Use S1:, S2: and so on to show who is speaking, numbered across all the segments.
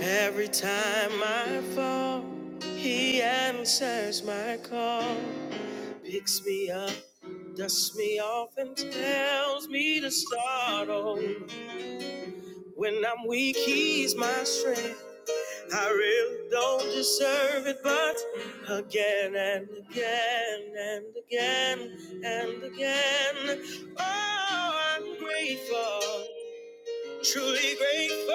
S1: Every time I fall, he answers my call, picks me up, dusts me off, and tells me to start over. When I'm weak, he's my strength. I really don't deserve it, but again and again and again and again, oh, I'm grateful. Truly grateful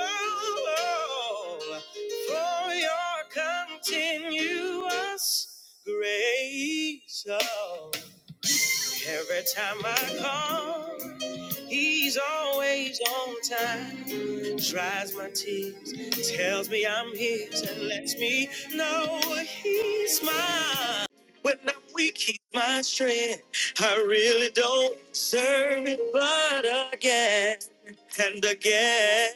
S1: oh, for your continuous grace. Oh. Every time I call, he's always on time. Dries my tears, tells me I'm his, and lets me know he's mine. When I'm weak, he's my strength. I really don't deserve it, but again and again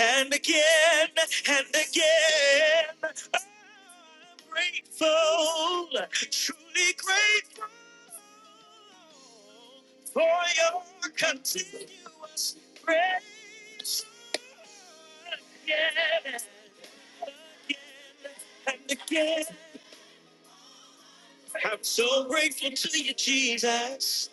S1: and again and again. I'm grateful, truly grateful for your continuous grace again and again. I'm so grateful to you, Jesus.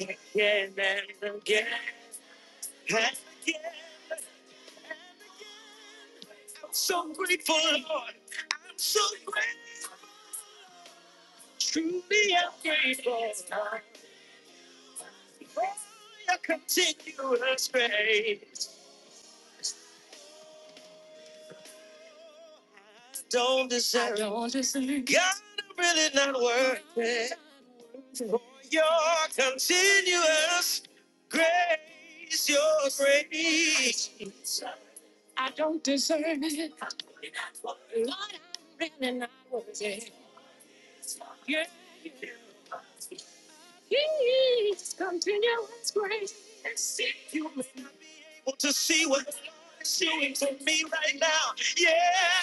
S1: Again and again and again. I'm so grateful, Lord. I'm so grateful. Truly, I'm grateful. for Your continuous grace. Don't deserve. I don't deserve. God, I'm really not worth it. Your continuous grace, your grace. to see what God's Yeah.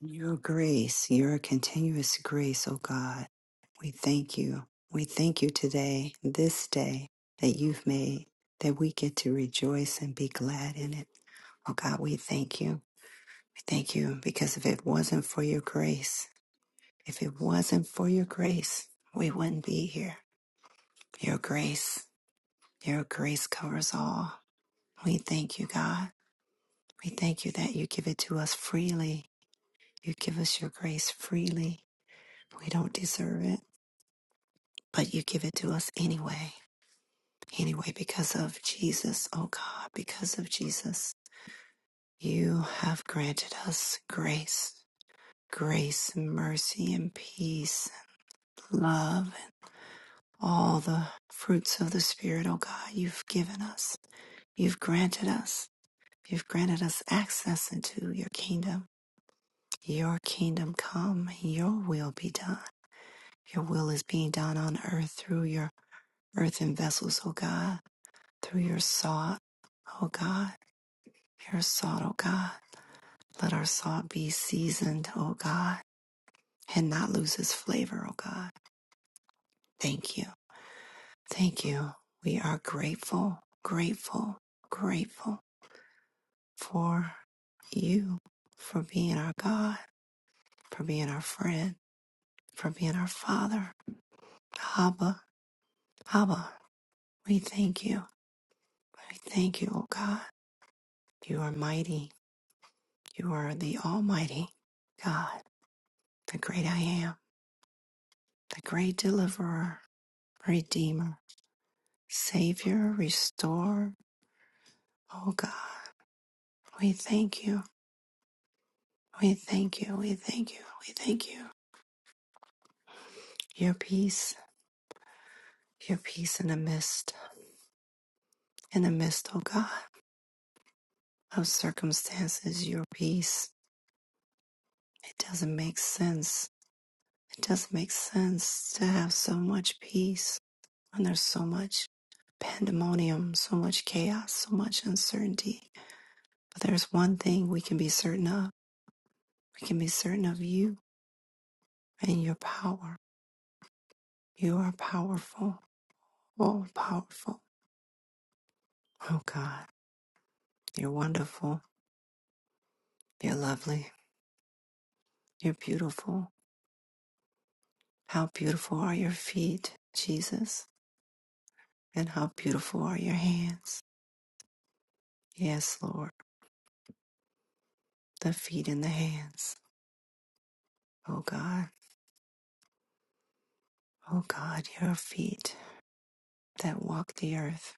S1: Your grace, your continuous grace, oh God. We thank you. We thank you today, this day that you've made, that we get to rejoice and be glad in it. Oh God, we thank you. We thank you because if it wasn't for your grace, if it wasn't for your grace, we wouldn't be here. Your grace, your grace covers all. We thank you, God. We thank you that you give it to us freely. You give us your grace freely. We don't deserve it, but you give it to us anyway. Anyway, because of Jesus, oh God, because of Jesus, you have granted us grace, grace, mercy, and peace, love, and all the fruits of the Spirit, oh God, you've given us. You've granted us. You've granted us access into your kingdom. Your kingdom come, your will be done. Your will is being done on earth through your earthen vessels, O God, through your salt, O God, your salt, O God. Let our salt be seasoned, O God, and not lose its flavor, O God. Thank you. Thank you. We are grateful, grateful, grateful for you, for being our God, for being our friend for being our Father. Abba, Abba, we thank you. We thank you, O God. You are mighty. You are the Almighty God, the great I am, the great deliverer, redeemer, savior, restorer. O God, we thank you. We thank you. We thank you. We thank you. Your peace, your peace in the midst, in the midst, O God, of circumstances, your peace. It doesn't make sense It doesn't make sense to have so much peace when there's so much pandemonium, so much chaos, so much uncertainty. But there's one thing we can be certain of. We can be certain of you and your power. You are powerful, all powerful. Oh God, you're wonderful. You're lovely. You're beautiful. How beautiful are your feet, Jesus, and how beautiful are your hands. Yes, Lord, the feet and the hands. Oh God. O God, your feet that walk the earth,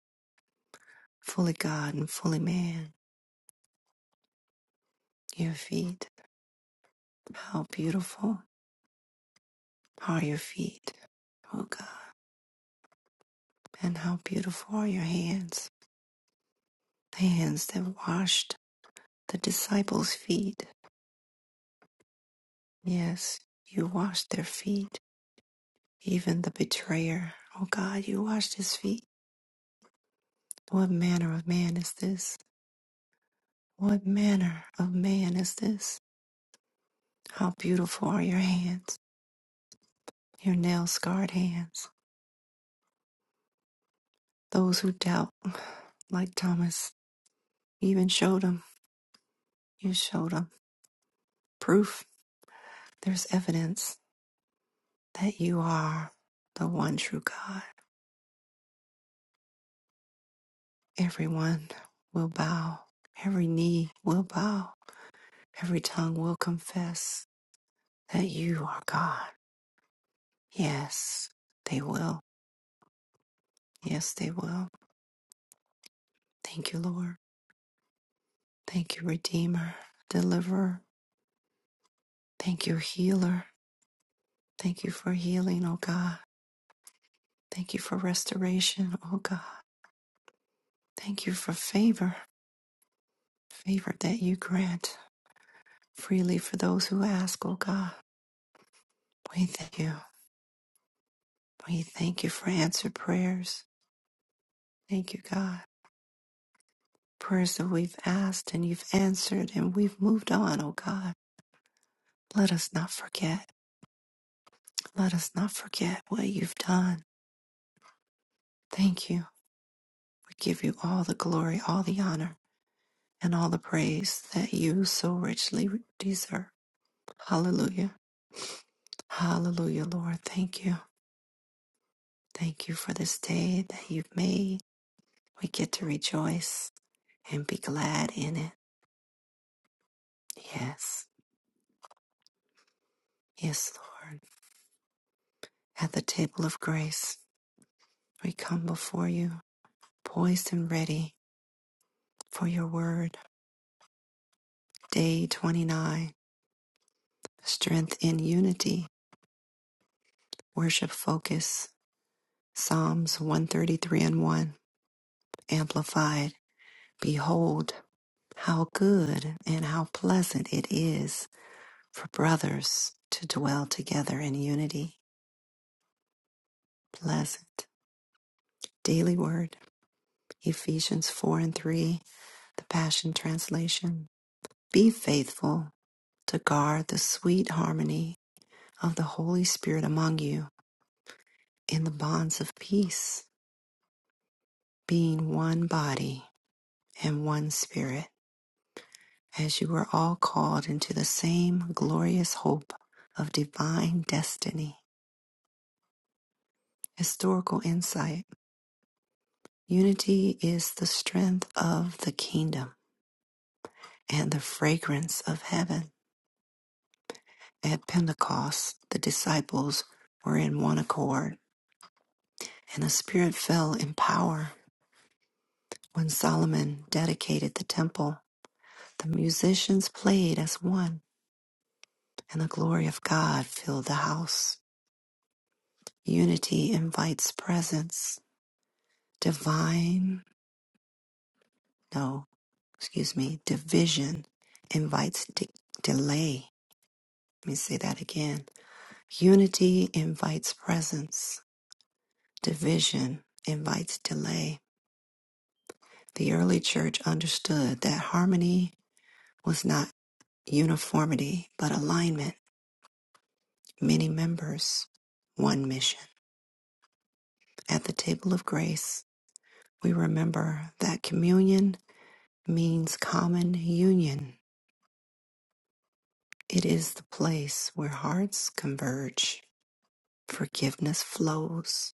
S1: fully God and fully man, your feet, how beautiful are your feet, O God, and how beautiful are your hands, the hands that washed the disciples' feet. Yes, you washed their feet, even the betrayer. O God, you washed his feet. What manner of man is this? What manner of man is this? How beautiful are your hands, your nail scarred hands Those who doubt, like Thomas, even showed him. You showed him proof. There's evidence that you are the one true God. Everyone will bow. Every knee will bow. Every tongue will confess that you are God. Yes, they will. Yes, they will. Thank you, Lord. Thank you, Redeemer, Deliverer. Thank you, Healer. Thank you for healing, O God. Thank you for restoration, O God. Thank you for favor, favor that you grant freely for those who ask, oh God. We thank you. We thank you for answered prayers. Thank you, God. Prayers that we've asked and you've answered and we've moved on, oh God. Let us not forget. Let us not forget what you've done. Thank you. We give you all the glory, all the honor, and all the praise that you so richly deserve. Hallelujah. Hallelujah, Lord. Thank you. Thank you for this day that you've made. We get to rejoice and be glad in it. Yes, yes, Lord. At the table of grace, we come before you, poised and ready for your word. Day 29 Strength in Unity, Worship Focus, Psalms 133 and 1, Amplified. Behold, how good and how pleasant it is for brothers to dwell together in unity. Pleasant. Daily Word, Ephesians 4 and 3, the Passion Translation. Be faithful to guard the sweet harmony of the Holy Spirit among you in the bonds of peace, being one body and one spirit, as you were all called into the same glorious hope of divine destiny. Historical insight. Unity is the strength of the kingdom and the fragrance of heaven. At Pentecost, the disciples were in one accord, and the Spirit fell in power. When Solomon dedicated the temple, the musicians played as one, and the glory of God filled the house. Unity invites presence. Divine, no, excuse me, division invites de- delay. Let me say that again. Unity invites presence. Division invites delay. The early church understood that harmony was not uniformity, but alignment, many members, one mission. At the table of grace, we remember that communion means common union. It is the place where hearts converge, forgiveness flows,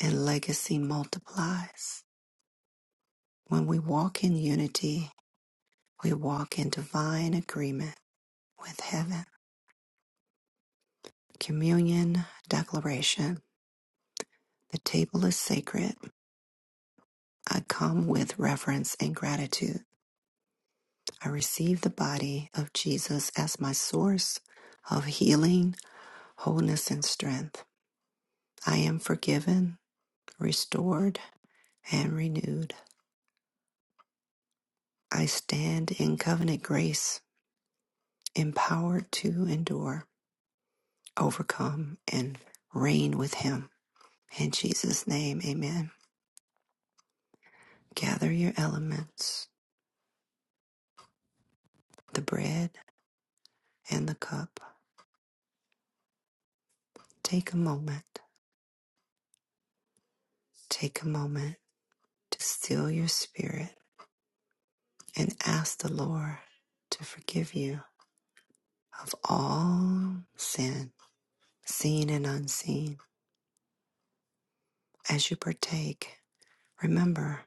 S1: and legacy multiplies. When we walk in unity, we walk in divine agreement with heaven. Communion Declaration The table is sacred. I come with reverence and gratitude. I receive the body of Jesus as my source of healing, wholeness, and strength. I am forgiven, restored, and renewed. I stand in covenant grace, empowered to endure, overcome, and reign with Him. In Jesus' name, amen. Gather your elements, the bread and the cup. Take a moment. Take a moment to still your spirit and ask the Lord to forgive you of all sin, seen and unseen. As you partake, remember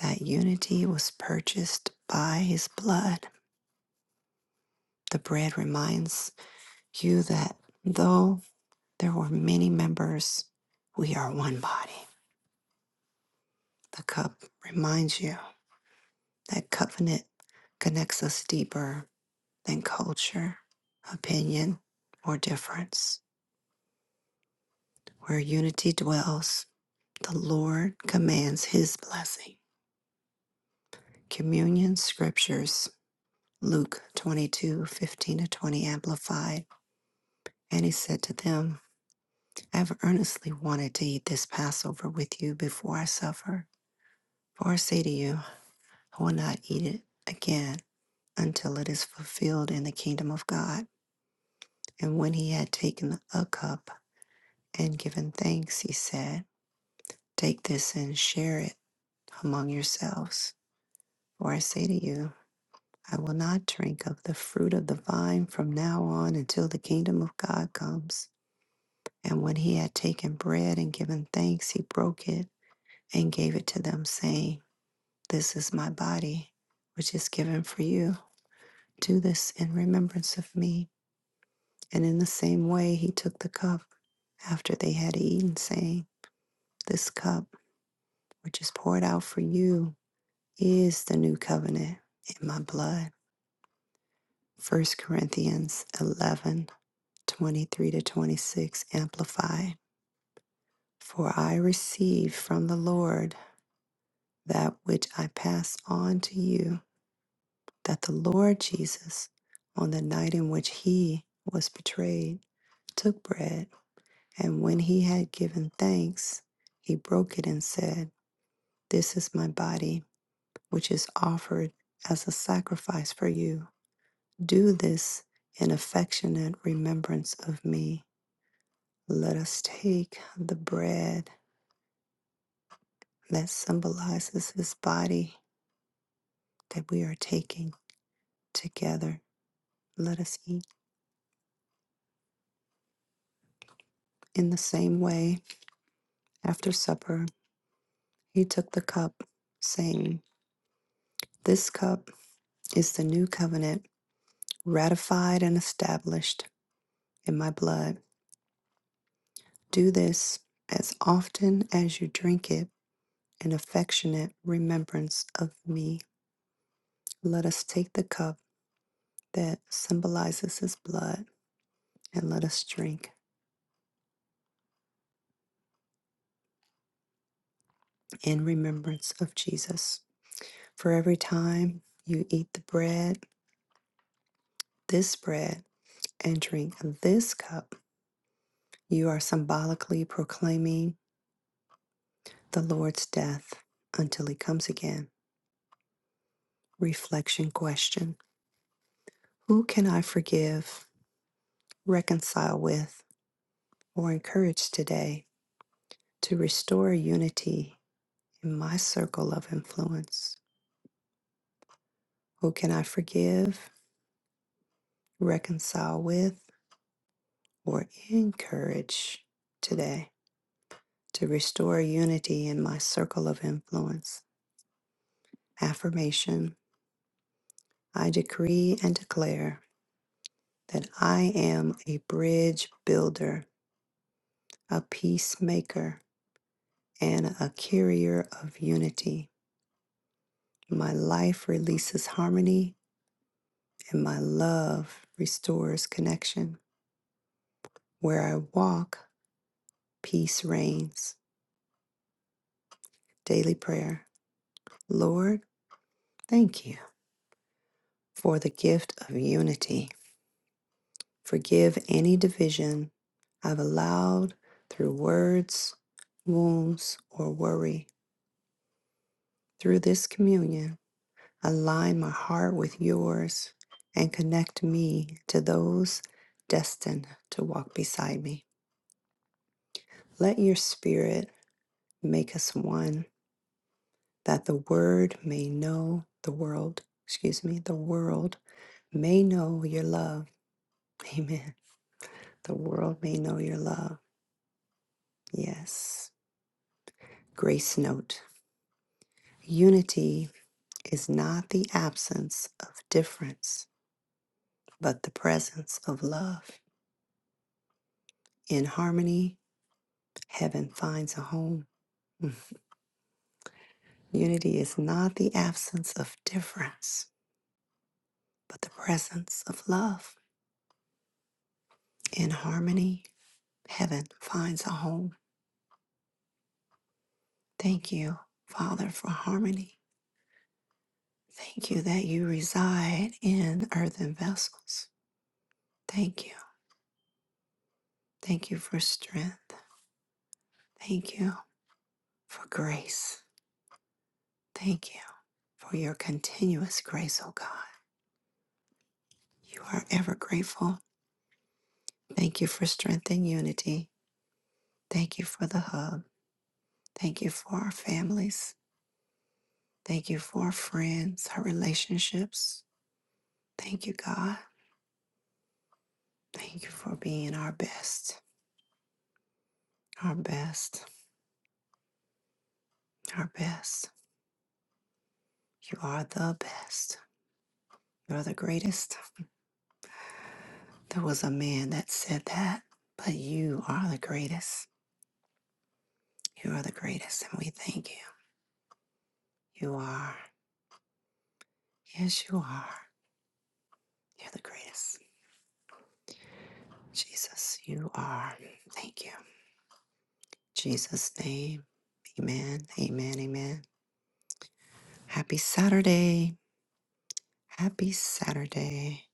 S1: that unity was purchased by his blood. The bread reminds you that though there were many members, we are one body. The cup reminds you that covenant connects us deeper than culture, opinion, or difference. Where unity dwells, the Lord commands his blessing. Communion Scriptures, Luke 22, 15 to 20, Amplified. And he said to them, I have earnestly wanted to eat this Passover with you before I suffer. For I say to you, I will not eat it again until it is fulfilled in the kingdom of God. And when he had taken a cup and given thanks, he said, Take this and share it among yourselves. For I say to you, I will not drink of the fruit of the vine from now on until the kingdom of God comes. And when he had taken bread and given thanks, he broke it and gave it to them, saying, This is my body, which is given for you. Do this in remembrance of me. And in the same way, he took the cup after they had eaten, saying, This cup, which is poured out for you, is the new covenant in my blood. First Corinthians eleven. 23 to 26 amplify for i received from the lord that which i pass on to you that the lord jesus on the night in which he was betrayed took bread and when he had given thanks he broke it and said this is my body which is offered as a sacrifice for you do this in affectionate remembrance of me let us take the bread that symbolizes his body that we are taking together. Let us eat. In the same way, after supper, he took the cup, saying, This cup is the new covenant, ratified and established in my blood. Do this as often as you drink it in affectionate remembrance of me. Let us take the cup that symbolizes his blood and let us drink in remembrance of Jesus. For every time you eat the bread, this bread, and drink this cup, you are symbolically proclaiming the Lord's death until he comes again. Reflection question Who can I forgive, reconcile with, or encourage today to restore unity in my circle of influence? Who can I forgive, reconcile with, or encourage today? to restore unity in my circle of influence. Affirmation I decree and declare that I am a bridge builder, a peacemaker, and a carrier of unity. My life releases harmony, and my love restores connection. Where I walk, peace reigns. Daily prayer. Lord, thank you for the gift of unity. Forgive any division I've allowed through words, wounds, or worry. Through this communion, align my heart with yours and connect me to those destined to walk beside me. Let your spirit make us one that the word may know the world, excuse me, the world may know your love. Amen. The world may know your love. Yes. Grace note. Unity is not the absence of difference, but the presence of love. In harmony, heaven finds a home. Mm. Unity is not the absence of difference, but the presence of love. In harmony, heaven finds a home. Thank you, Father, for harmony. Thank you that you reside in earthen vessels. Thank you. Thank you for strength. Thank you for grace. Thank you. for your continuous grace, O God. You are ever grateful. Thank you for strength and unity. Thank you for the hub. Thank you for our families. Thank you for our friends, our relationships. Thank you, God. Thank you for being our best, our best, our best. You are the best. You're the greatest. There was a man that said that, but you are the greatest. You are the greatest, and we thank you. You are. Yes, you are. You're the greatest. Jesus, you are. Thank you. Jesus' name. Amen. Amen. Amen. Happy Saturday. Happy Saturday.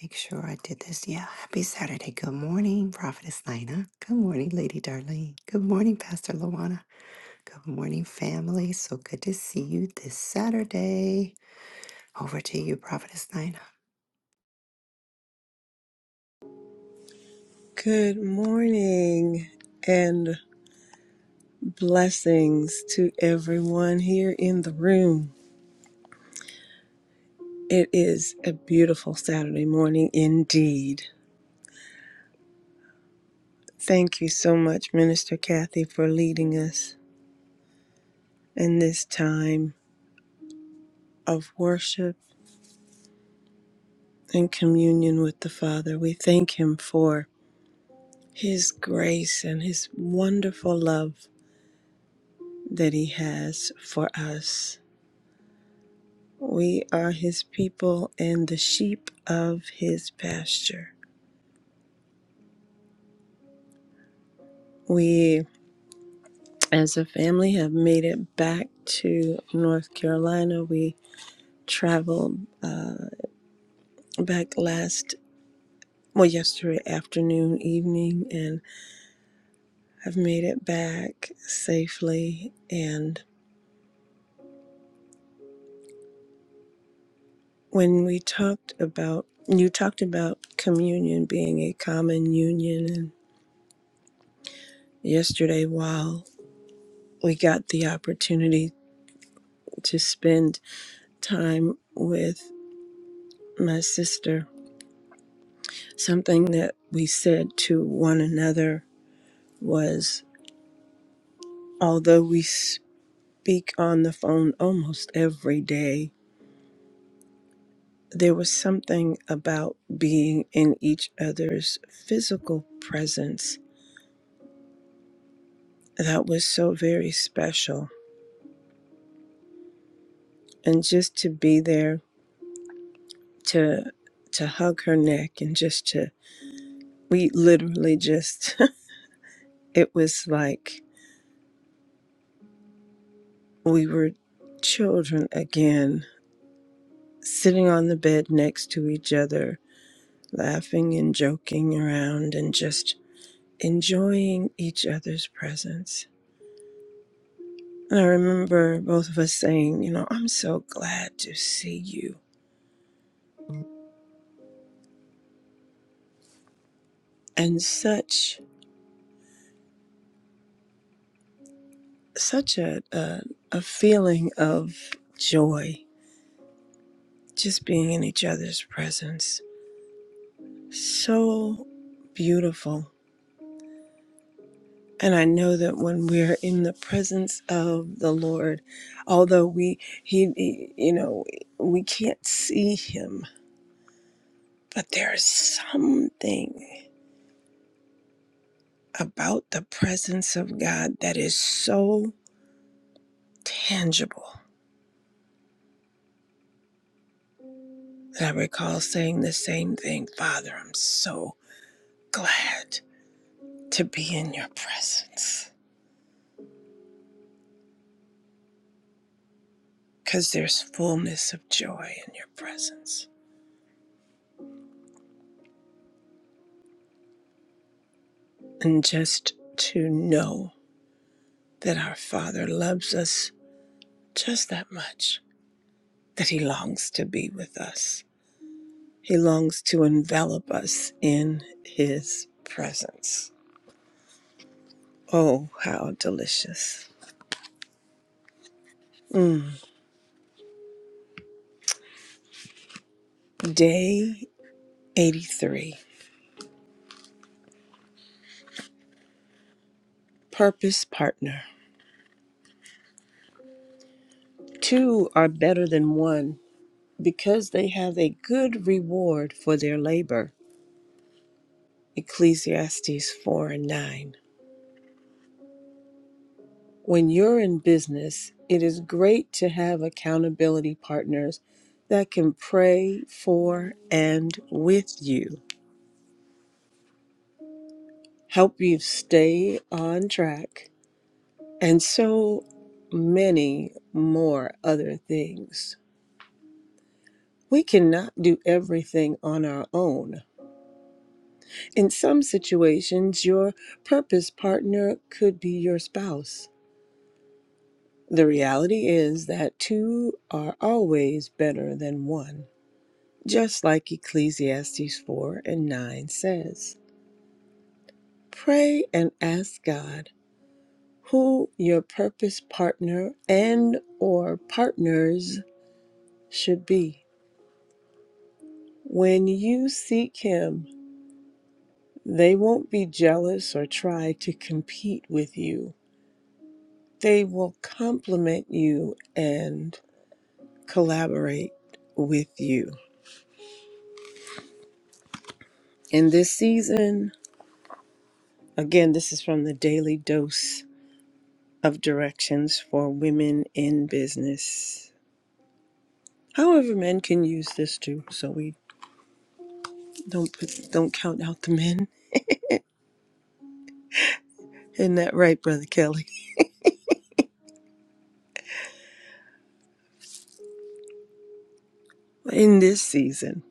S1: Make sure I did this. Yeah. Happy Saturday. Good morning, Prophetess Nina. Good morning, Lady Darlene. Good morning, Pastor Luana. Good morning, family. So good to see you this Saturday. Over to you, Prophetess Nina.
S2: Good morning and blessings to everyone here in the room. It is a beautiful Saturday morning indeed. Thank you so much, Minister Kathy, for leading us in this time of worship and communion with the Father. We thank Him for His grace and His wonderful love that He has for us. We are his people and the sheep of his pasture. We, as a family, have made it back to North Carolina. We traveled uh, back last, well, yesterday afternoon, evening, and have made it back safely. And when we talked about, you talked about communion being a common union, and yesterday, while we got the opportunity to spend time with my sister, something that we said to one another was although we speak on the phone almost every day, there was something about being in each other's physical presence that was so very special. And just to be there to to hug her neck and just to we literally just it was like we were children again sitting on the bed next to each other, laughing and joking around and just enjoying each other's presence. And I remember both of us saying, you know, I'm so glad to see you. And such such a a, a feeling of joy just being in each other's presence. So beautiful And I know that when we're in the presence of the Lord, although we, he, he- you know, we can't see him, but there's something about the presence of God that is so tangible that I recall saying the same thing Father, I'm so glad to be in your presence because there's fullness of joy in your presence. And just to know that our Father loves us just that much that he longs to be with us. He longs to envelop us in his presence. Oh, how delicious. Mm. Day 83 Purpose Partner. Two are better than one because they have a good reward for their labor. Ecclesiastes 4 and 9. When you're in business, it is great to have accountability partners that can pray for and with you, help you stay on track, and so many more other things. We cannot do everything on our own. In some situations, your purpose partner could be your spouse. The reality is that two are always better than one. just like Ecclesiastes 4 and 9 says. Pray and ask God who your purpose partner and or partners should be. When you seek him, they won't be jealous or try to compete with you. They will complement you and collaborate with you. In this season, again, this is from the Daily Dose of directions for women in business. However, men can use this too, so we don't put, don't count out the men. Isn't that right, Brother Kelly? In this season,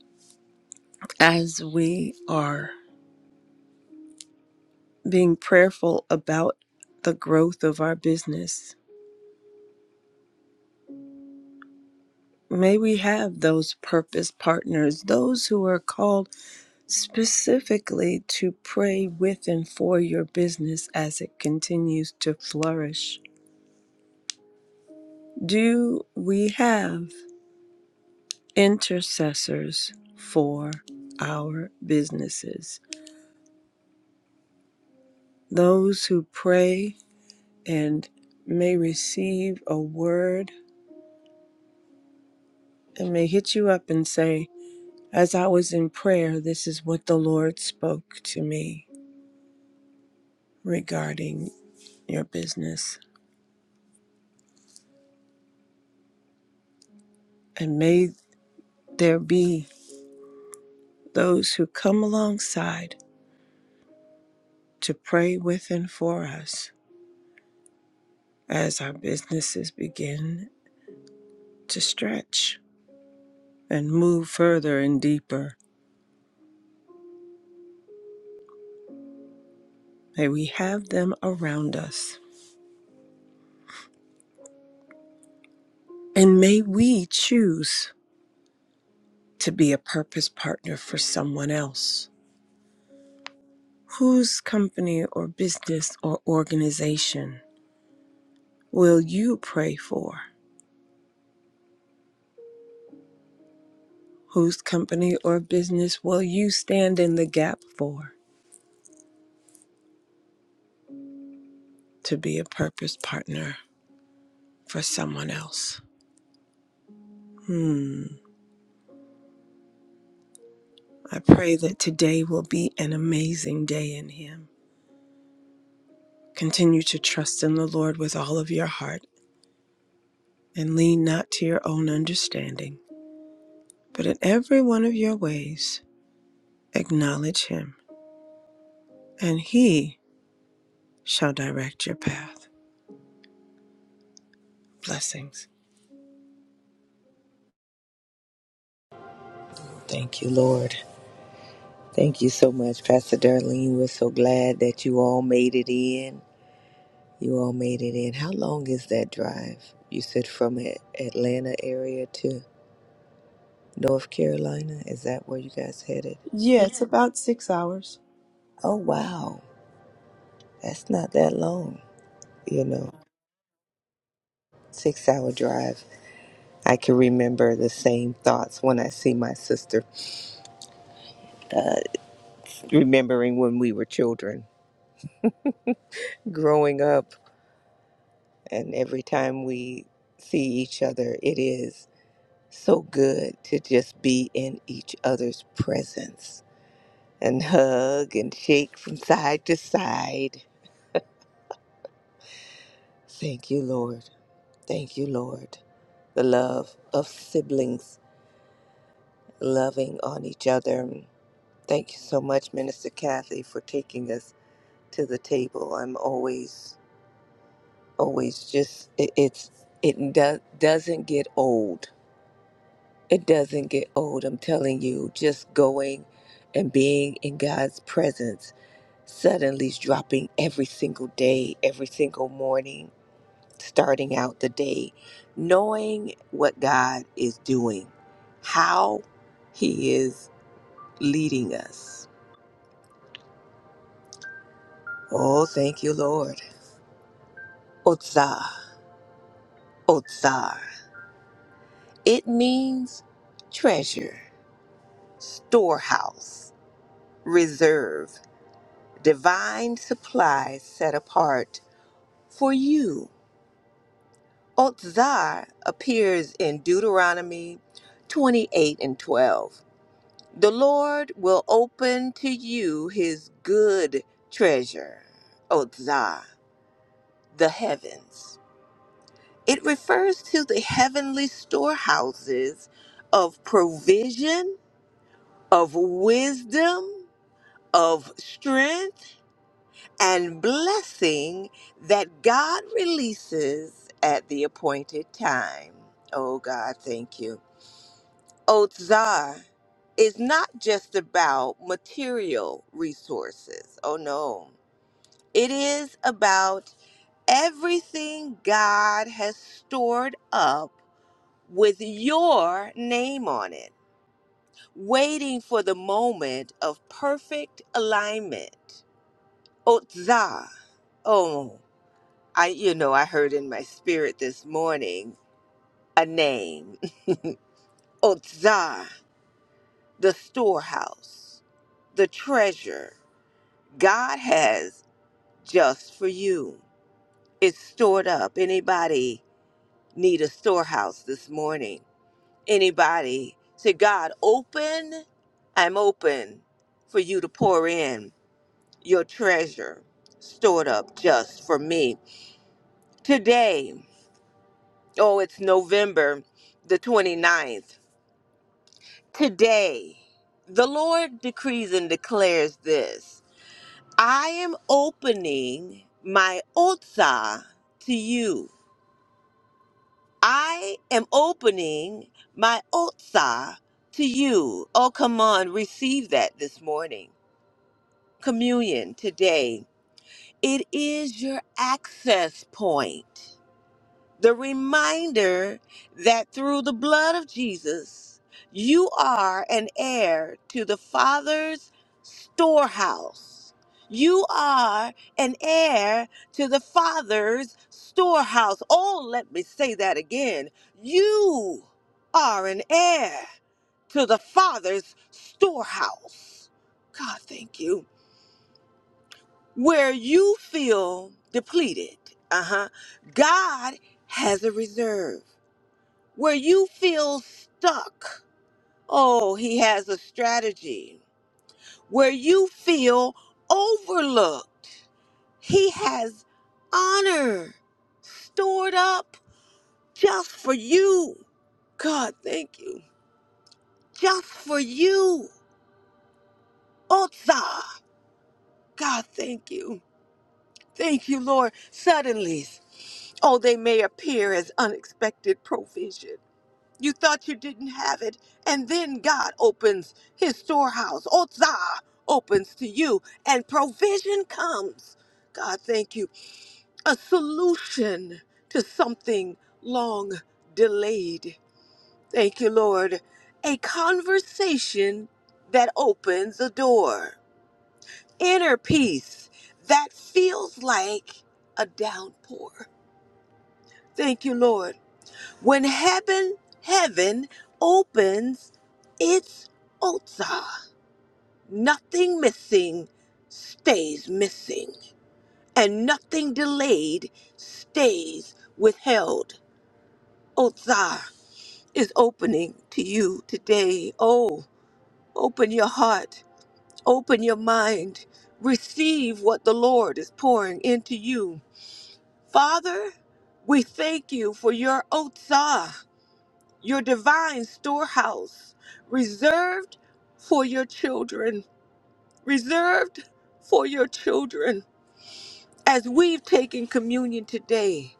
S2: as we are being prayerful about the growth of our business, may we have those purpose partners, those who are called specifically to pray with and for your business as it continues to flourish. Do we have intercessors for our businesses, those who pray and may receive a word and may hit you up and say, As I was in prayer, this is what the Lord spoke to me regarding your business. And may there be those who come alongside to pray with and for us as our businesses begin to stretch and move further and deeper May we have them around us. And may we choose to be a purpose partner for someone else. Whose company or business or organization will you pray for? Whose company or business will you stand in the gap for to be a purpose partner for someone else? Hmm. I pray that today will be an amazing day in Him. Continue to trust in the Lord with all of your heart and lean not to your own understanding, but in every one of your ways acknowledge him, and he shall direct your path. Blessings.
S3: Thank you, Lord. Thank you so much, Pastor Darlene. We're so glad that you all made it in. You all made it in. How long is that drive? You said from A- Atlanta area to North Carolina? Is that where you guys headed?
S2: Yeah, it's about six hours.
S3: Oh, wow. That's not that long. You know, six hour drive. I can remember the same thoughts when I see my sister, remembering when we were children growing up. And every time we see each other, it is. so good to just be in each other's presence and hug and shake from side to side. Thank you, Lord. Thank you, Lord. The love of siblings loving on each other. Thank you so much, Minister Kathy, for taking us to the table. I'm always, always just, it, it's, it do, doesn't get old. It doesn't get old. I'm telling you, just going and being in God's presence suddenly dropping every single day, every single morning, starting out the day, knowing what God is doing, how He is leading us. Oh, thank you, Lord. Otsar, Otsar. It means treasure, storehouse, reserve, divine supply set apart for you Otzar appears in Deuteronomy 28 and 12. The Lord will open to you his good treasure, Otzar, the heavens. It refers to the heavenly storehouses of provision, of wisdom, of strength, and blessing that God releases at the appointed time. Oh God, thank you. Oath Zar is not just about material resources. Oh no. It is about everything God has stored up with your name on it, waiting for the moment of perfect alignment. Oath Zar. Oh, I you know, I heard in my spirit this morning a name. Oath Zar, the storehouse, the treasure God has just for you. It's stored up. Anybody need a storehouse this morning? Anybody say, God, open, I'm open for you to pour in your treasure stored up just for me. Today, oh, it's November the twenty ninth Today, the Lord decrees and declares this I am opening my Otsah to you. I am opening my Otsa to you. Oh, come on, receive that this morning. Communion today. It is your access point the reminder that through the blood of Jesus, you are an heir to the Father's storehouse. You are an heir to the Father's storehouse. Oh, let me say that again. You are an heir to the Father's storehouse. God, thank you. Where you feel depleted, uh huh, God has a reserve. Where you feel stuck, oh, he has a strategy. Where you feel overlooked, he has honor stored up just for you. God, thank you. Just for you. Otsa. God, thank you. Thank you, Lord. Suddenly, oh, they may appear as unexpected provision. You thought you didn't have it, and then God opens his storehouse. Otzah opens to you, and provision comes. God, thank you. A solution to something long delayed. Thank you, Lord. A conversation that opens a door. Inner peace that feels like a downpour. Thank you, Lord When heaven, heaven opens its otsa, nothing missing stays missing, and nothing delayed stays withheld. Otsa is opening to you today. Oh, open your heart, open your mind, receive what the Lord is pouring into you. Father, we thank you for your otsa. your divine storehouse reserved for your children, reserved for your children. As we've taken communion today,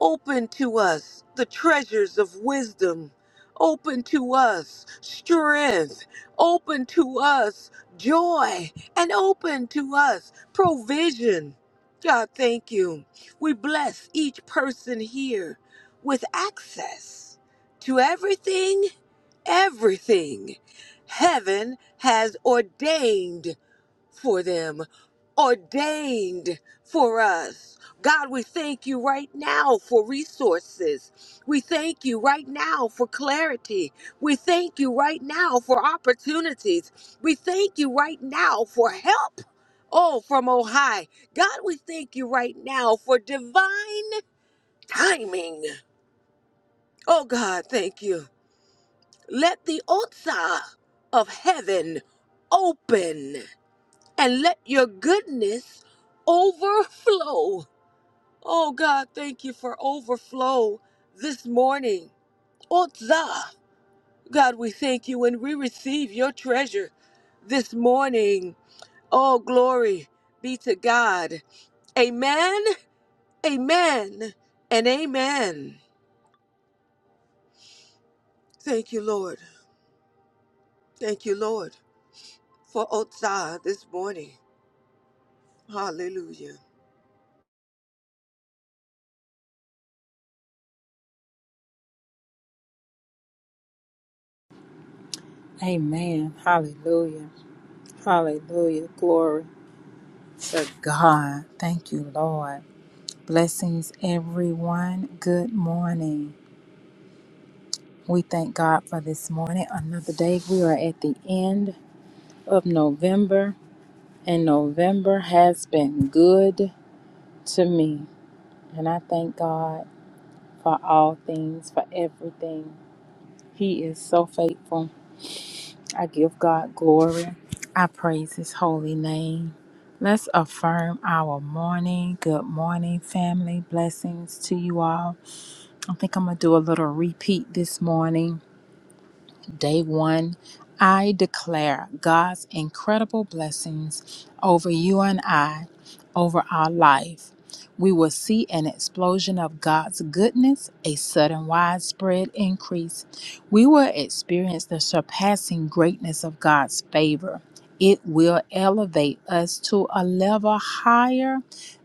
S3: open to us the treasures of wisdom, open to us strength, open to us joy, and open to us provision. God, thank you. We bless each person here with access to everything everything heaven has ordained for them, ordained for us. God, we thank you right now for resources. We thank you right now for clarity. We thank you right now for opportunities. We thank you right now for help. Oh, from on high. God, we thank you right now for divine timing. Oh, God, thank you. Let the Otsa of heaven open and let your goodness overflow. Oh God, thank you for overflow this morning. Otsa, God, we thank you when we receive your treasure this morning. Oh, glory be to God. Amen, amen, and amen. Thank you, Lord. Thank you, Lord, for Otsa this morning. Hallelujah.
S4: Amen. Hallelujah. Hallelujah. Glory to God. Thank you, Lord. Blessings, everyone. Good morning. We thank God for this morning. Another day. We are at the end of November, and November has been good to me. And I thank God for all things, for everything. He is so faithful. I give God glory. I praise his holy name. Let's affirm our morning. Good morning, family. Blessings to you all. I think I'm going to do a little repeat this morning day one, I declare God's incredible blessings over you and I, over our life. We will see an explosion of God's goodness, a sudden widespread increase. We will experience the surpassing greatness of God's favor. It will elevate us to a level higher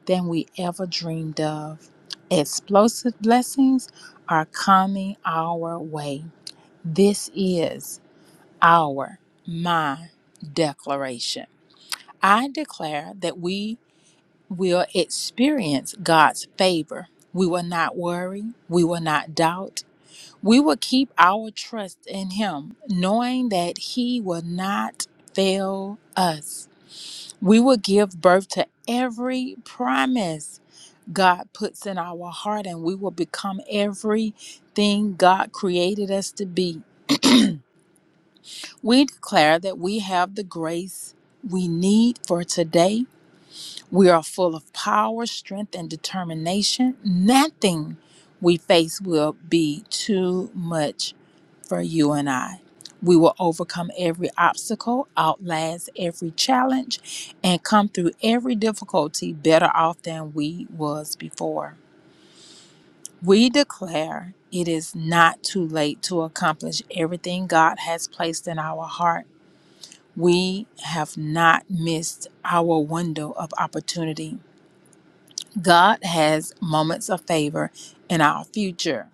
S4: than we ever dreamed of. Explosive blessings are coming our way. This is our, my declaration. I declare that we will experience God's favor. We will not worry. We will not doubt. We will keep our trust in Him, knowing that He will not fail us. We will give birth to every promise God puts in our heart, and we will become everything God created us to be. We declare that we have the grace we need for today. We are full of power, strength, and determination. Nothing we face will be too much for you and I. We will overcome every obstacle, outlast every challenge, and come through every difficulty better off than we was before. We declare it is not too late to accomplish everything God has placed in our heart we have not missed our window of opportunity. God has moments of favor in our future.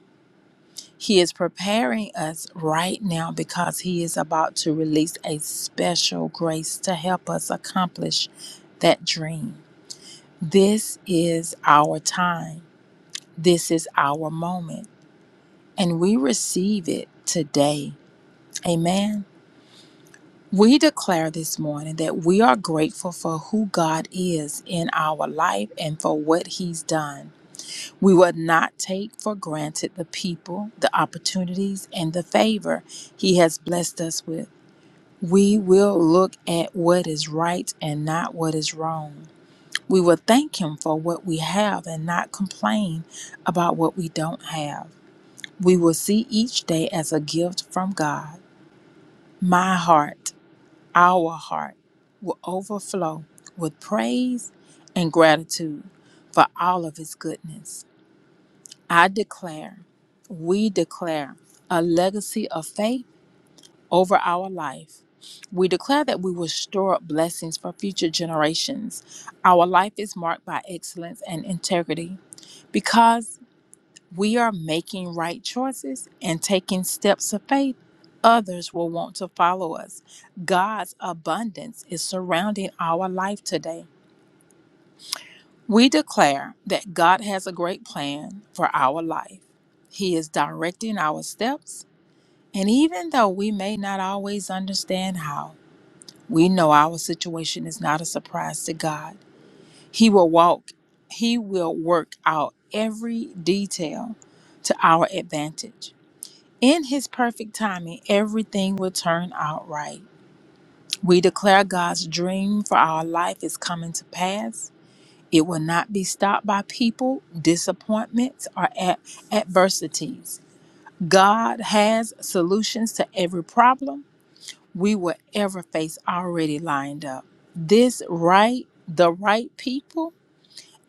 S4: He is preparing us right now because He is about to release a special grace to help us accomplish that dream. This is our time. This is our moment. And we receive it today. Amen. We declare this morning that we are grateful for who God is in our life and for what He's done. We will not take for granted the people, the opportunities, and the favor He has blessed us with. We will look at what is right and not what is wrong. We will thank Him for what we have and not complain about what we don't have. We will see each day as a gift from God. My heart our heart will overflow with praise and gratitude for all of His goodness. I declare, we declare a legacy of faith over our life. We declare that we will store up blessings for future generations. Our life is marked by excellence and integrity because we are making right choices and taking steps of faith, others will want to follow us. God's abundance is surrounding our life today. We declare that God has a great plan for our life. He is directing our steps, and even though we may not always understand how, we know our situation is not a surprise to God. He will walk, He will work out every detail to our advantage. In His perfect timing, everything will turn out right. We declare God's dream for our life is coming to pass. It will not be stopped by people, disappointments, or ad- adversities. God has solutions to every problem we will ever face already lined up. This right, the right people,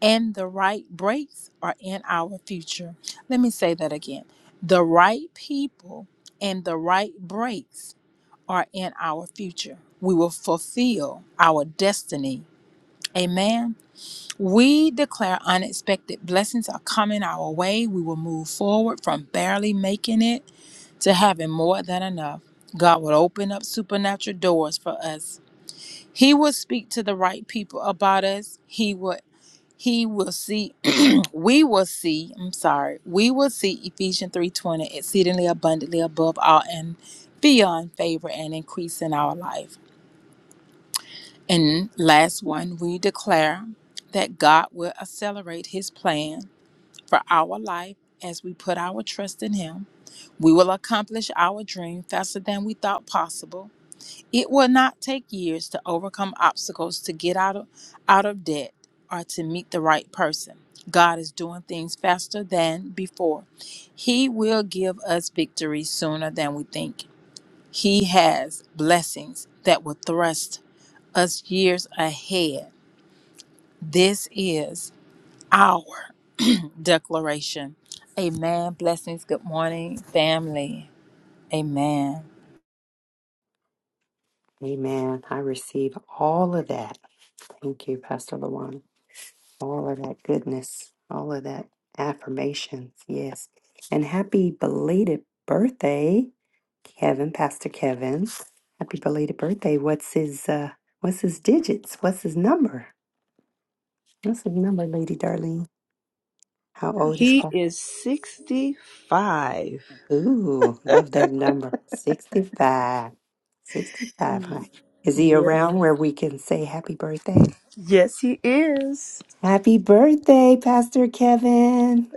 S4: and the right breaks are in our future. Let me say that again. The right people and the right breaks are in our future. We will fulfill our destiny. Amen. We declare unexpected blessings are coming our way. We will move forward from barely making it to having more than enough. God will open up supernatural doors for us. He will speak to the right people about us. He will he will see we will see, I'm sorry. We will see Ephesians 3:20 exceedingly abundantly above all and beyond favor and increase in our life. And last one, we declare that God will accelerate his plan for our life as we put our trust in him. We will accomplish our dream faster than we thought possible. It will not take years to overcome obstacles to get out of out of debt or to meet the right person. God is doing things faster than before. He will give us victory sooner than we think. He has blessings that will thrust us years ahead this is our declaration. Amen. Blessings. Good morning, family. Amen.
S1: Amen. I receive all of that. Thank you, Pastor Luana. all of that goodness, all of that affirmations. Yes. And happy belated birthday, Kevin, Pastor Kevin. Happy belated birthday. What's his uh what's his digits? What's his number? What's his number, Lady Darlene? How old is
S2: He
S1: Paul?
S2: is 65.
S1: Ooh, love that number. 65. 65, huh?
S2: Mm,
S1: Is he
S2: Yes.
S1: around where we can say happy birthday?
S2: Yes, he is.
S1: Happy birthday, Pastor Kevin.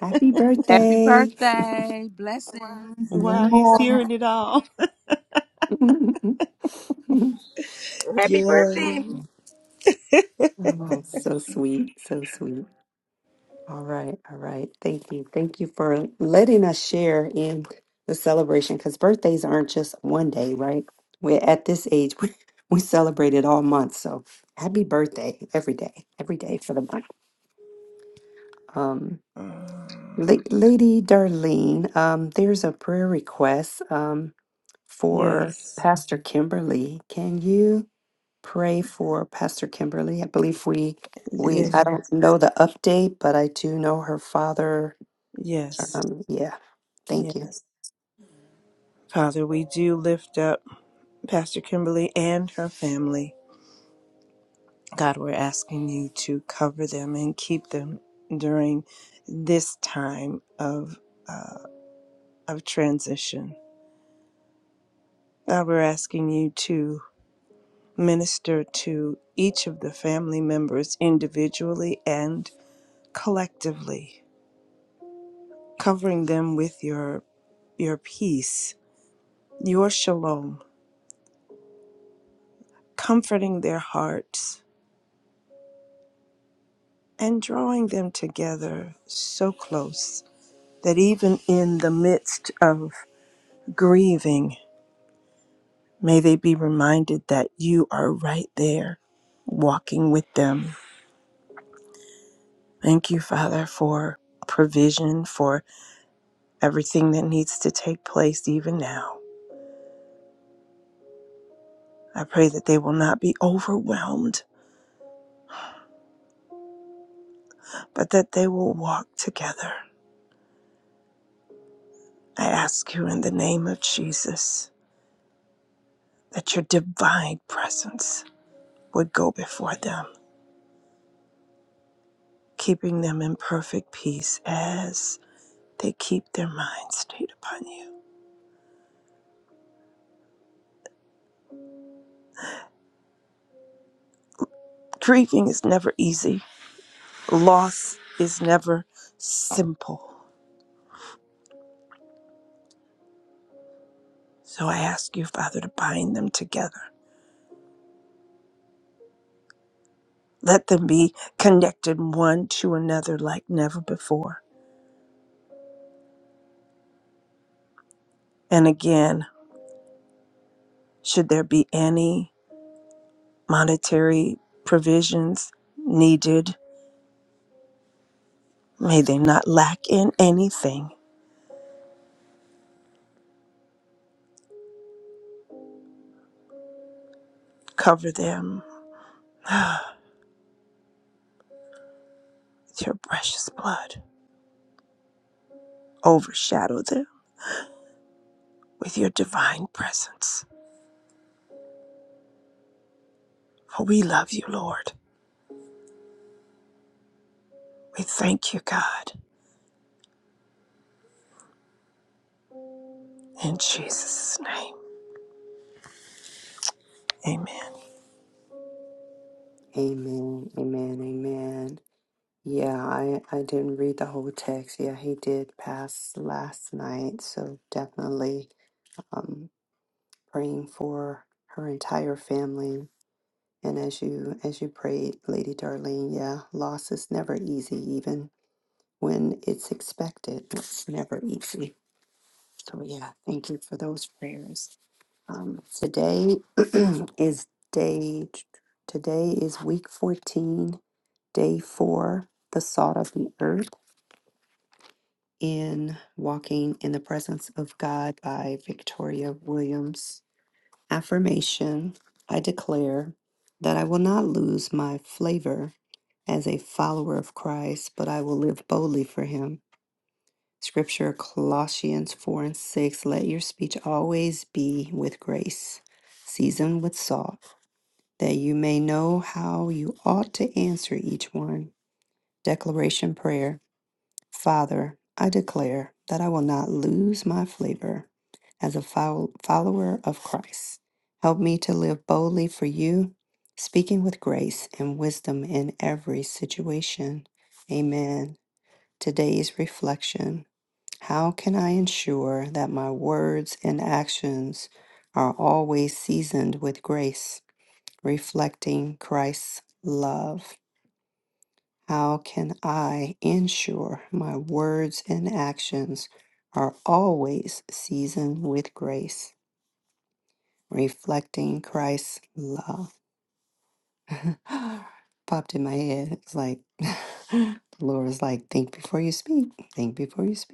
S1: Happy
S4: Happy
S1: birthday.
S4: birthday. Blessings. Many
S2: Wow, he's
S4: more.
S2: hearing it all. Yes.
S1: Oh, so sweet, so sweet. All right, all right. Thank you. Thank you for letting us share in the celebration because birthdays aren't just one day, right? We're at this age, we, we celebrate it all month. So happy birthday every day, every day for the month. Um, La-
S2: Mm.
S1: Lady Darlene, um, there's a prayer request um, for
S2: Yes.
S1: Pastor Kimberly. Can you? pray for Pastor Kimberly. I believe we we
S2: Yeah.
S1: I don't know the update, but I do know her father.
S2: Yes.
S1: Um, yeah. Thank you.
S2: Yes. Father, we do lift up Pastor Kimberly and her family. God, we're asking you to cover them and keep them during this time of uh, of transition. God, we're asking you to minister to each of the family members individually and collectively, covering them with your your peace, your shalom, comforting their hearts and drawing them together so close that even in the midst of grieving May they be reminded that you are right there walking with them. Thank you, Father, for provision, for everything that needs to take place even now. I pray that they will not be overwhelmed, but that they will walk together. I ask you in the name of Jesus that your divine presence would go before them, keeping them in perfect peace as they keep their minds stayed upon you. Grieving is never easy Loss is never simple. So I ask you, Father, to bind them together. Let them be connected one to another like never before. And again, should there be any monetary provisions needed, may they not lack in anything. Cover them with your precious blood, overshadow them with your divine presence. For we love you, Lord. We thank you, God. In Jesus' name, amen.
S1: Amen. Amen. Amen. Yeah, I I didn't read the whole text. Yeah, he did pass last night, so definitely um praying for her entire family. And as you as you prayed, Lady Darlene, yeah, loss is never easy, even when it's expected. It's never easy. So yeah, thank you for those prayers. Um, today is day. Today is week fourteen, day four. The salt of the earth in walking in the presence of God by Victoria Williams. Affirmation: I declare that I will not lose my flavor as a follower of Christ, but I will live boldly for Him. Scripture Colossians 4 and 6 Let your speech always be with grace, seasoned with salt, that you may know how you ought to answer each one. Declaration Prayer Father, I declare that I will not lose my flavor as a fol- follower of Christ. Help me to live boldly for you, speaking with grace and wisdom in every situation. Amen. Today's reflection. How can I ensure that my words and actions are always seasoned with grace, reflecting Christ's love? How can I ensure my words and actions are always seasoned with grace, reflecting Christ's love? Popped in my head. It's like, the Lord is like, think before you speak, think before you speak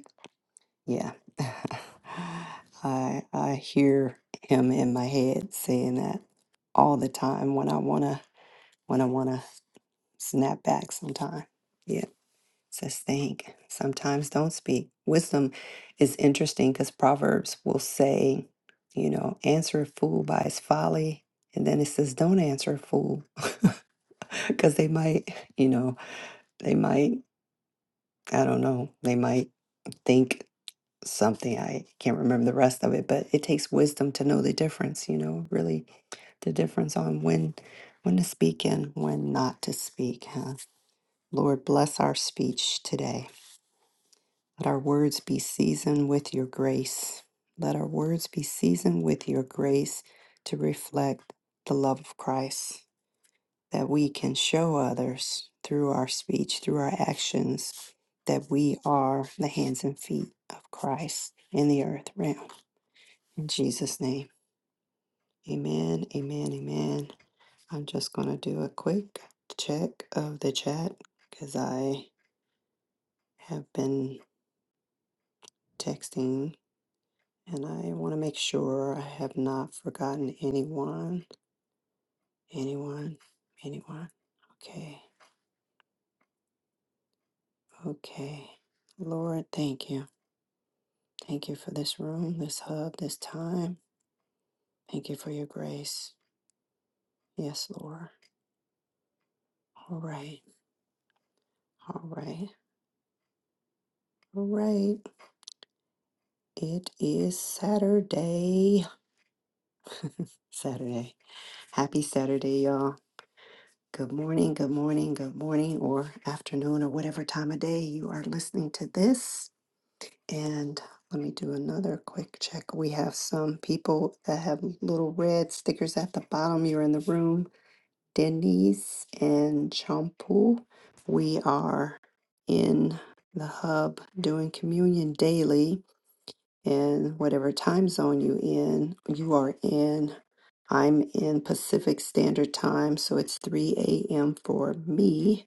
S1: Yeah. I I hear him in my head saying that all the time when I wanna when I wanna snap back sometime. Yeah. Says think. Sometimes don't speak. Wisdom is interesting because Proverbs will say, you know, answer a fool by his folly. And then it says don't answer a fool. Cause they might, you know, they might, I don't know, they might think something I can't remember the rest of it, but it takes wisdom to know the difference, you know, really the difference on when when to speak and when not to speak. Huh? Lord, bless our speech today. Let our words be seasoned with your grace. Let our words be seasoned with your grace to reflect the love of Christ that we can show others through our speech, through our actions, that we are the hands and feet of Christ in the earth realm. In Jesus' name. Amen. Amen. Amen. I'm just going to do a quick check of the chat because I have been texting and I want to make sure I have not forgotten anyone. Anyone. Anyone. Okay. Okay. Lord, thank you. Thank you for this room, this hub, this time. Thank you for your grace. Yes, Lord. All right. All right. All right. It is Saturday. Saturday. Happy Saturday, y'all. Good morning, good morning, good morning, or afternoon, or whatever time of day you are listening to this. And let me do another quick check. We have some people that have little red stickers at the bottom. You're in the room. Denise and Champu. We are in the hub doing communion daily. And whatever time zone you in, you are in. I'm in Pacific Standard Time, so it's 3 a.m. for me.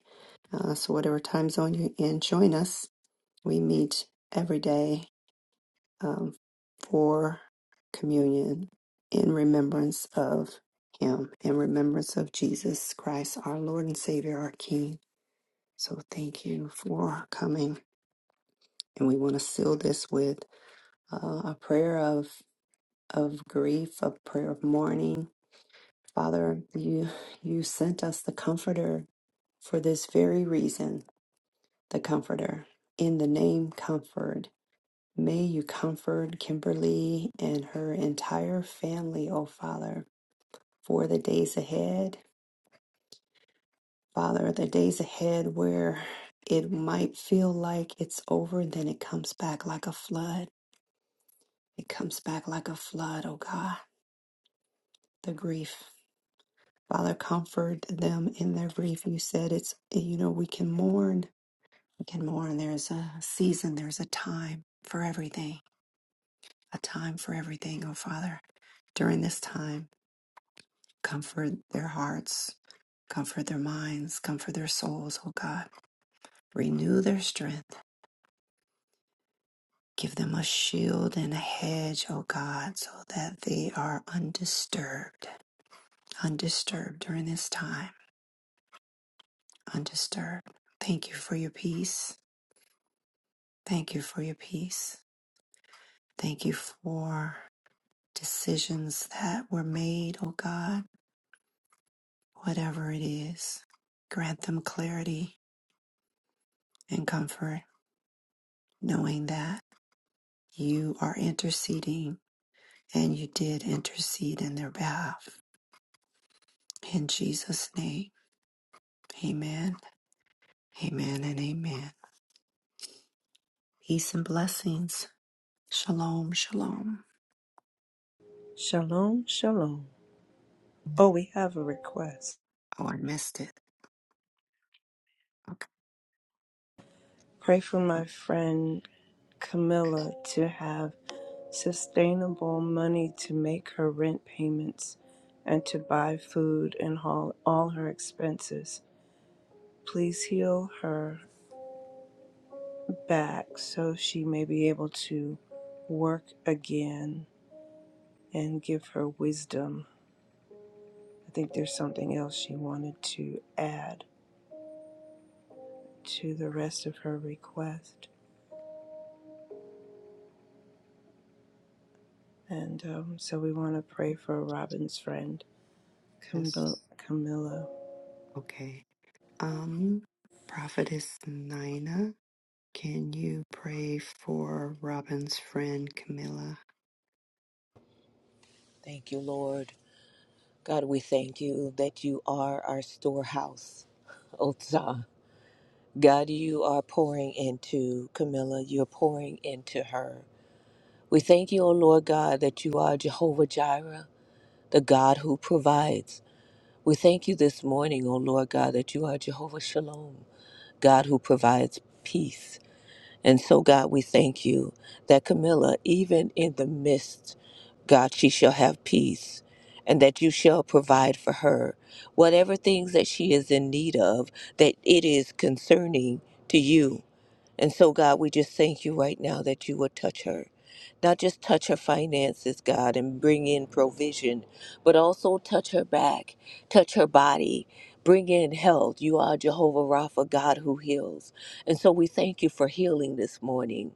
S1: Uh, so, whatever time zone you're in, join us. We meet every day um, for communion in remembrance of Him, in remembrance of Jesus Christ, our Lord and Savior, our King. So, thank you for coming. And we want to seal this with uh, a prayer of, of grief, a prayer of mourning Father, you you sent us the comforter for this very reason, the comforter. In the name comfort, may you comfort Kimberly and her entire family, oh Father, for the days ahead. Father, the days ahead where it might feel like it's over, then it comes back like a flood. It comes back like a flood, oh God, the grief. Father, comfort them in their grief. You said it's, you know, we can mourn Again, more, and there's a season, there's a time for everything, a time for everything, oh Father. During this time, comfort their hearts, comfort their minds, comfort their souls, oh God. Renew their strength. Give them a shield and a hedge, oh God, so that they are undisturbed, undisturbed during this time, undisturbed. Thank you for your peace. Thank you for your peace. Thank you for decisions that were made, O God, whatever it is. Grant them clarity and comfort, knowing that you are interceding and you did intercede in their behalf. In Jesus' name, amen, amen, and amen. Peace and blessings. Shalom, shalom.
S2: Shalom, shalom. Oh, we have a request.
S1: Oh, I missed it. Okay.
S2: Pray for my friend Camilla to have sustainable money to make her rent payments and to buy food and haul all her expenses. Please heal her back so she may be able to work again and give her wisdom. I think there's something else she wanted to add to the rest of her request. And um, so we want to pray for Robin's friend,
S1: Yes.
S2: Camilla.
S1: Okay. Um, Prophetess Nina, can you pray for Robin's friend Camilla?
S3: Thank you, Lord. God, we thank you that you are our storehouse, Otsa. God, you are pouring into Camilla. You're pouring into her. We thank you, O Lord God, that you are Jehovah Jireh, the God who provides. We thank you this morning, O Lord God, that you are Jehovah Shalom, God who provides peace. And so, God, we thank you that Camilla, even in the midst, God, she shall have peace and that you shall provide for her whatever things that she is in need of, that it is concerning to you. And so, God, we just thank you right now that you will touch her. Not just touch her finances, God, and bring in provision, but also touch her back, touch her body, bring in health. You are Jehovah Rapha, God who heals. And so we thank you for healing this morning.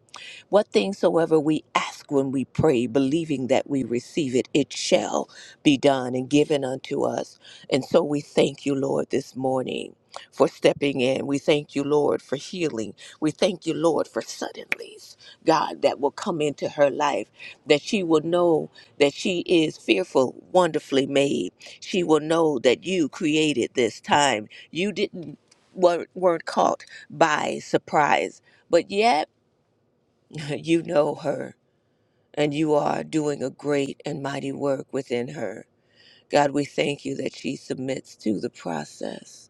S3: What things soever we ask when we pray, believing that we receive it, it shall be done and given unto us. And so we thank you, Lord, this morning for stepping in. We thank you, Lord, for healing. We thank you, Lord, for suddenlies, God, that will come into her life, that she will know that she is fearful, wonderfully made. She will know that you created this time. You didn't weren't, weren't caught by surprise, but yet you know her, and you are doing a great and mighty work within her. God, we thank you that she submits to the process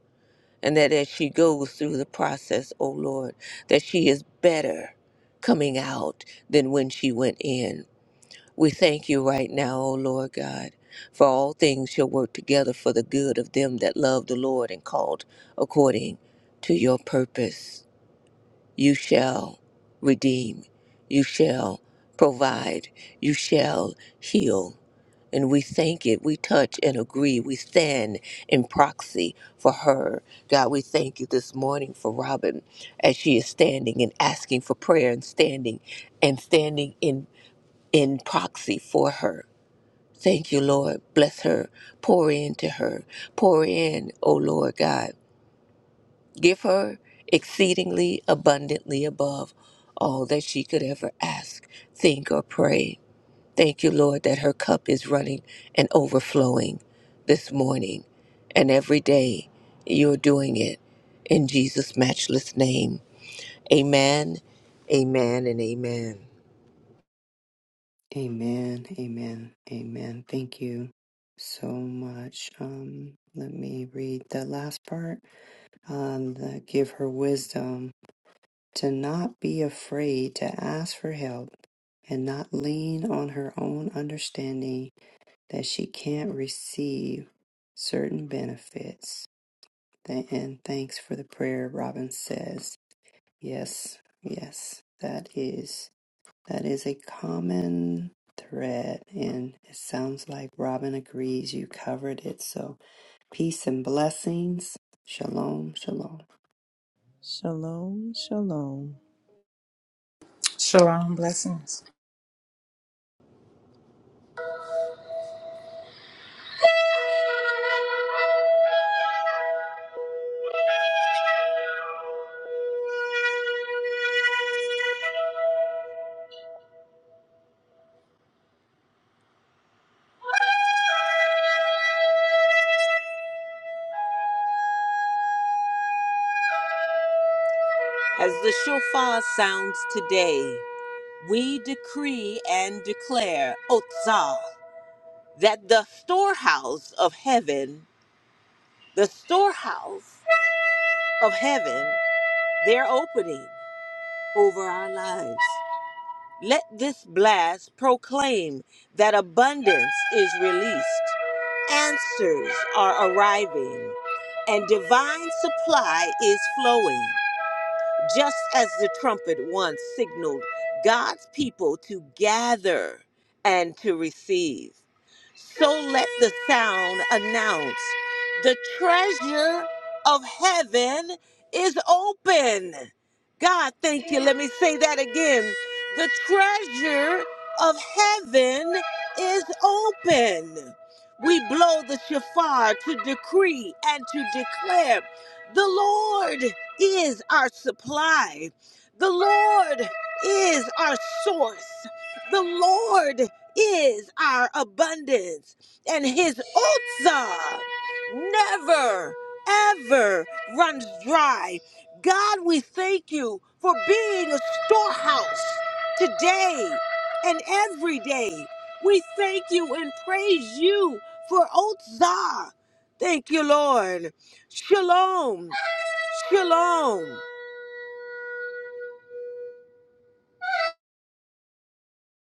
S3: and that as she goes through the process, O Lord, that she is better coming out than when she went in. We thank you right now, O Lord God, for all things shall work together for the good of them that love the Lord and called according to your purpose. You shall redeem, you shall provide, you shall heal, and we thank it. We touch and agree. We stand in proxy for her. God, we thank you this morning for Robin as she is standing and asking for prayer and standing and standing in, in proxy for her. Thank you, Lord. Bless her. Pour into her. Pour in, O Lord God. Give her exceedingly abundantly above all that she could ever ask, think, or pray. Thank you, Lord, that her cup is running and overflowing this morning and every day. You're doing it in Jesus' matchless name. Amen, amen, and amen.
S1: Amen. Amen. Amen. Thank you so much. Um, let me read the last part. Uh, the, give her wisdom to not be afraid to ask for help and not lean on her own understanding that she can't receive certain benefits. And thanks for the prayer, Robin says. Yes, yes, that is that is a common thread and it sounds like Robin agrees you covered it. So peace and blessings. Shalom, shalom.
S2: Shalom, shalom.
S4: Shalom. Blessings.
S3: As the shofar sounds today, we decree and declare Otzah. that the storehouse of heaven, the storehouse of heaven, they're opening over our lives. Let this blast proclaim that abundance is released, answers are arriving, and divine supply is flowing. Just as the trumpet once signaled God's people to gather and to receive, so let the sound announce the treasure of heaven is open. God, thank you. Let me say that again. The treasure of heaven is open. We blow the shofar to decree and to declare the Lord is our supply. The Lord is our source. The Lord is our abundance. And his Otsa never, ever runs dry. God, we thank you for being a storehouse today and every day. We thank you and praise you for Otsa. Thank you, Lord. Shalom. Shalom.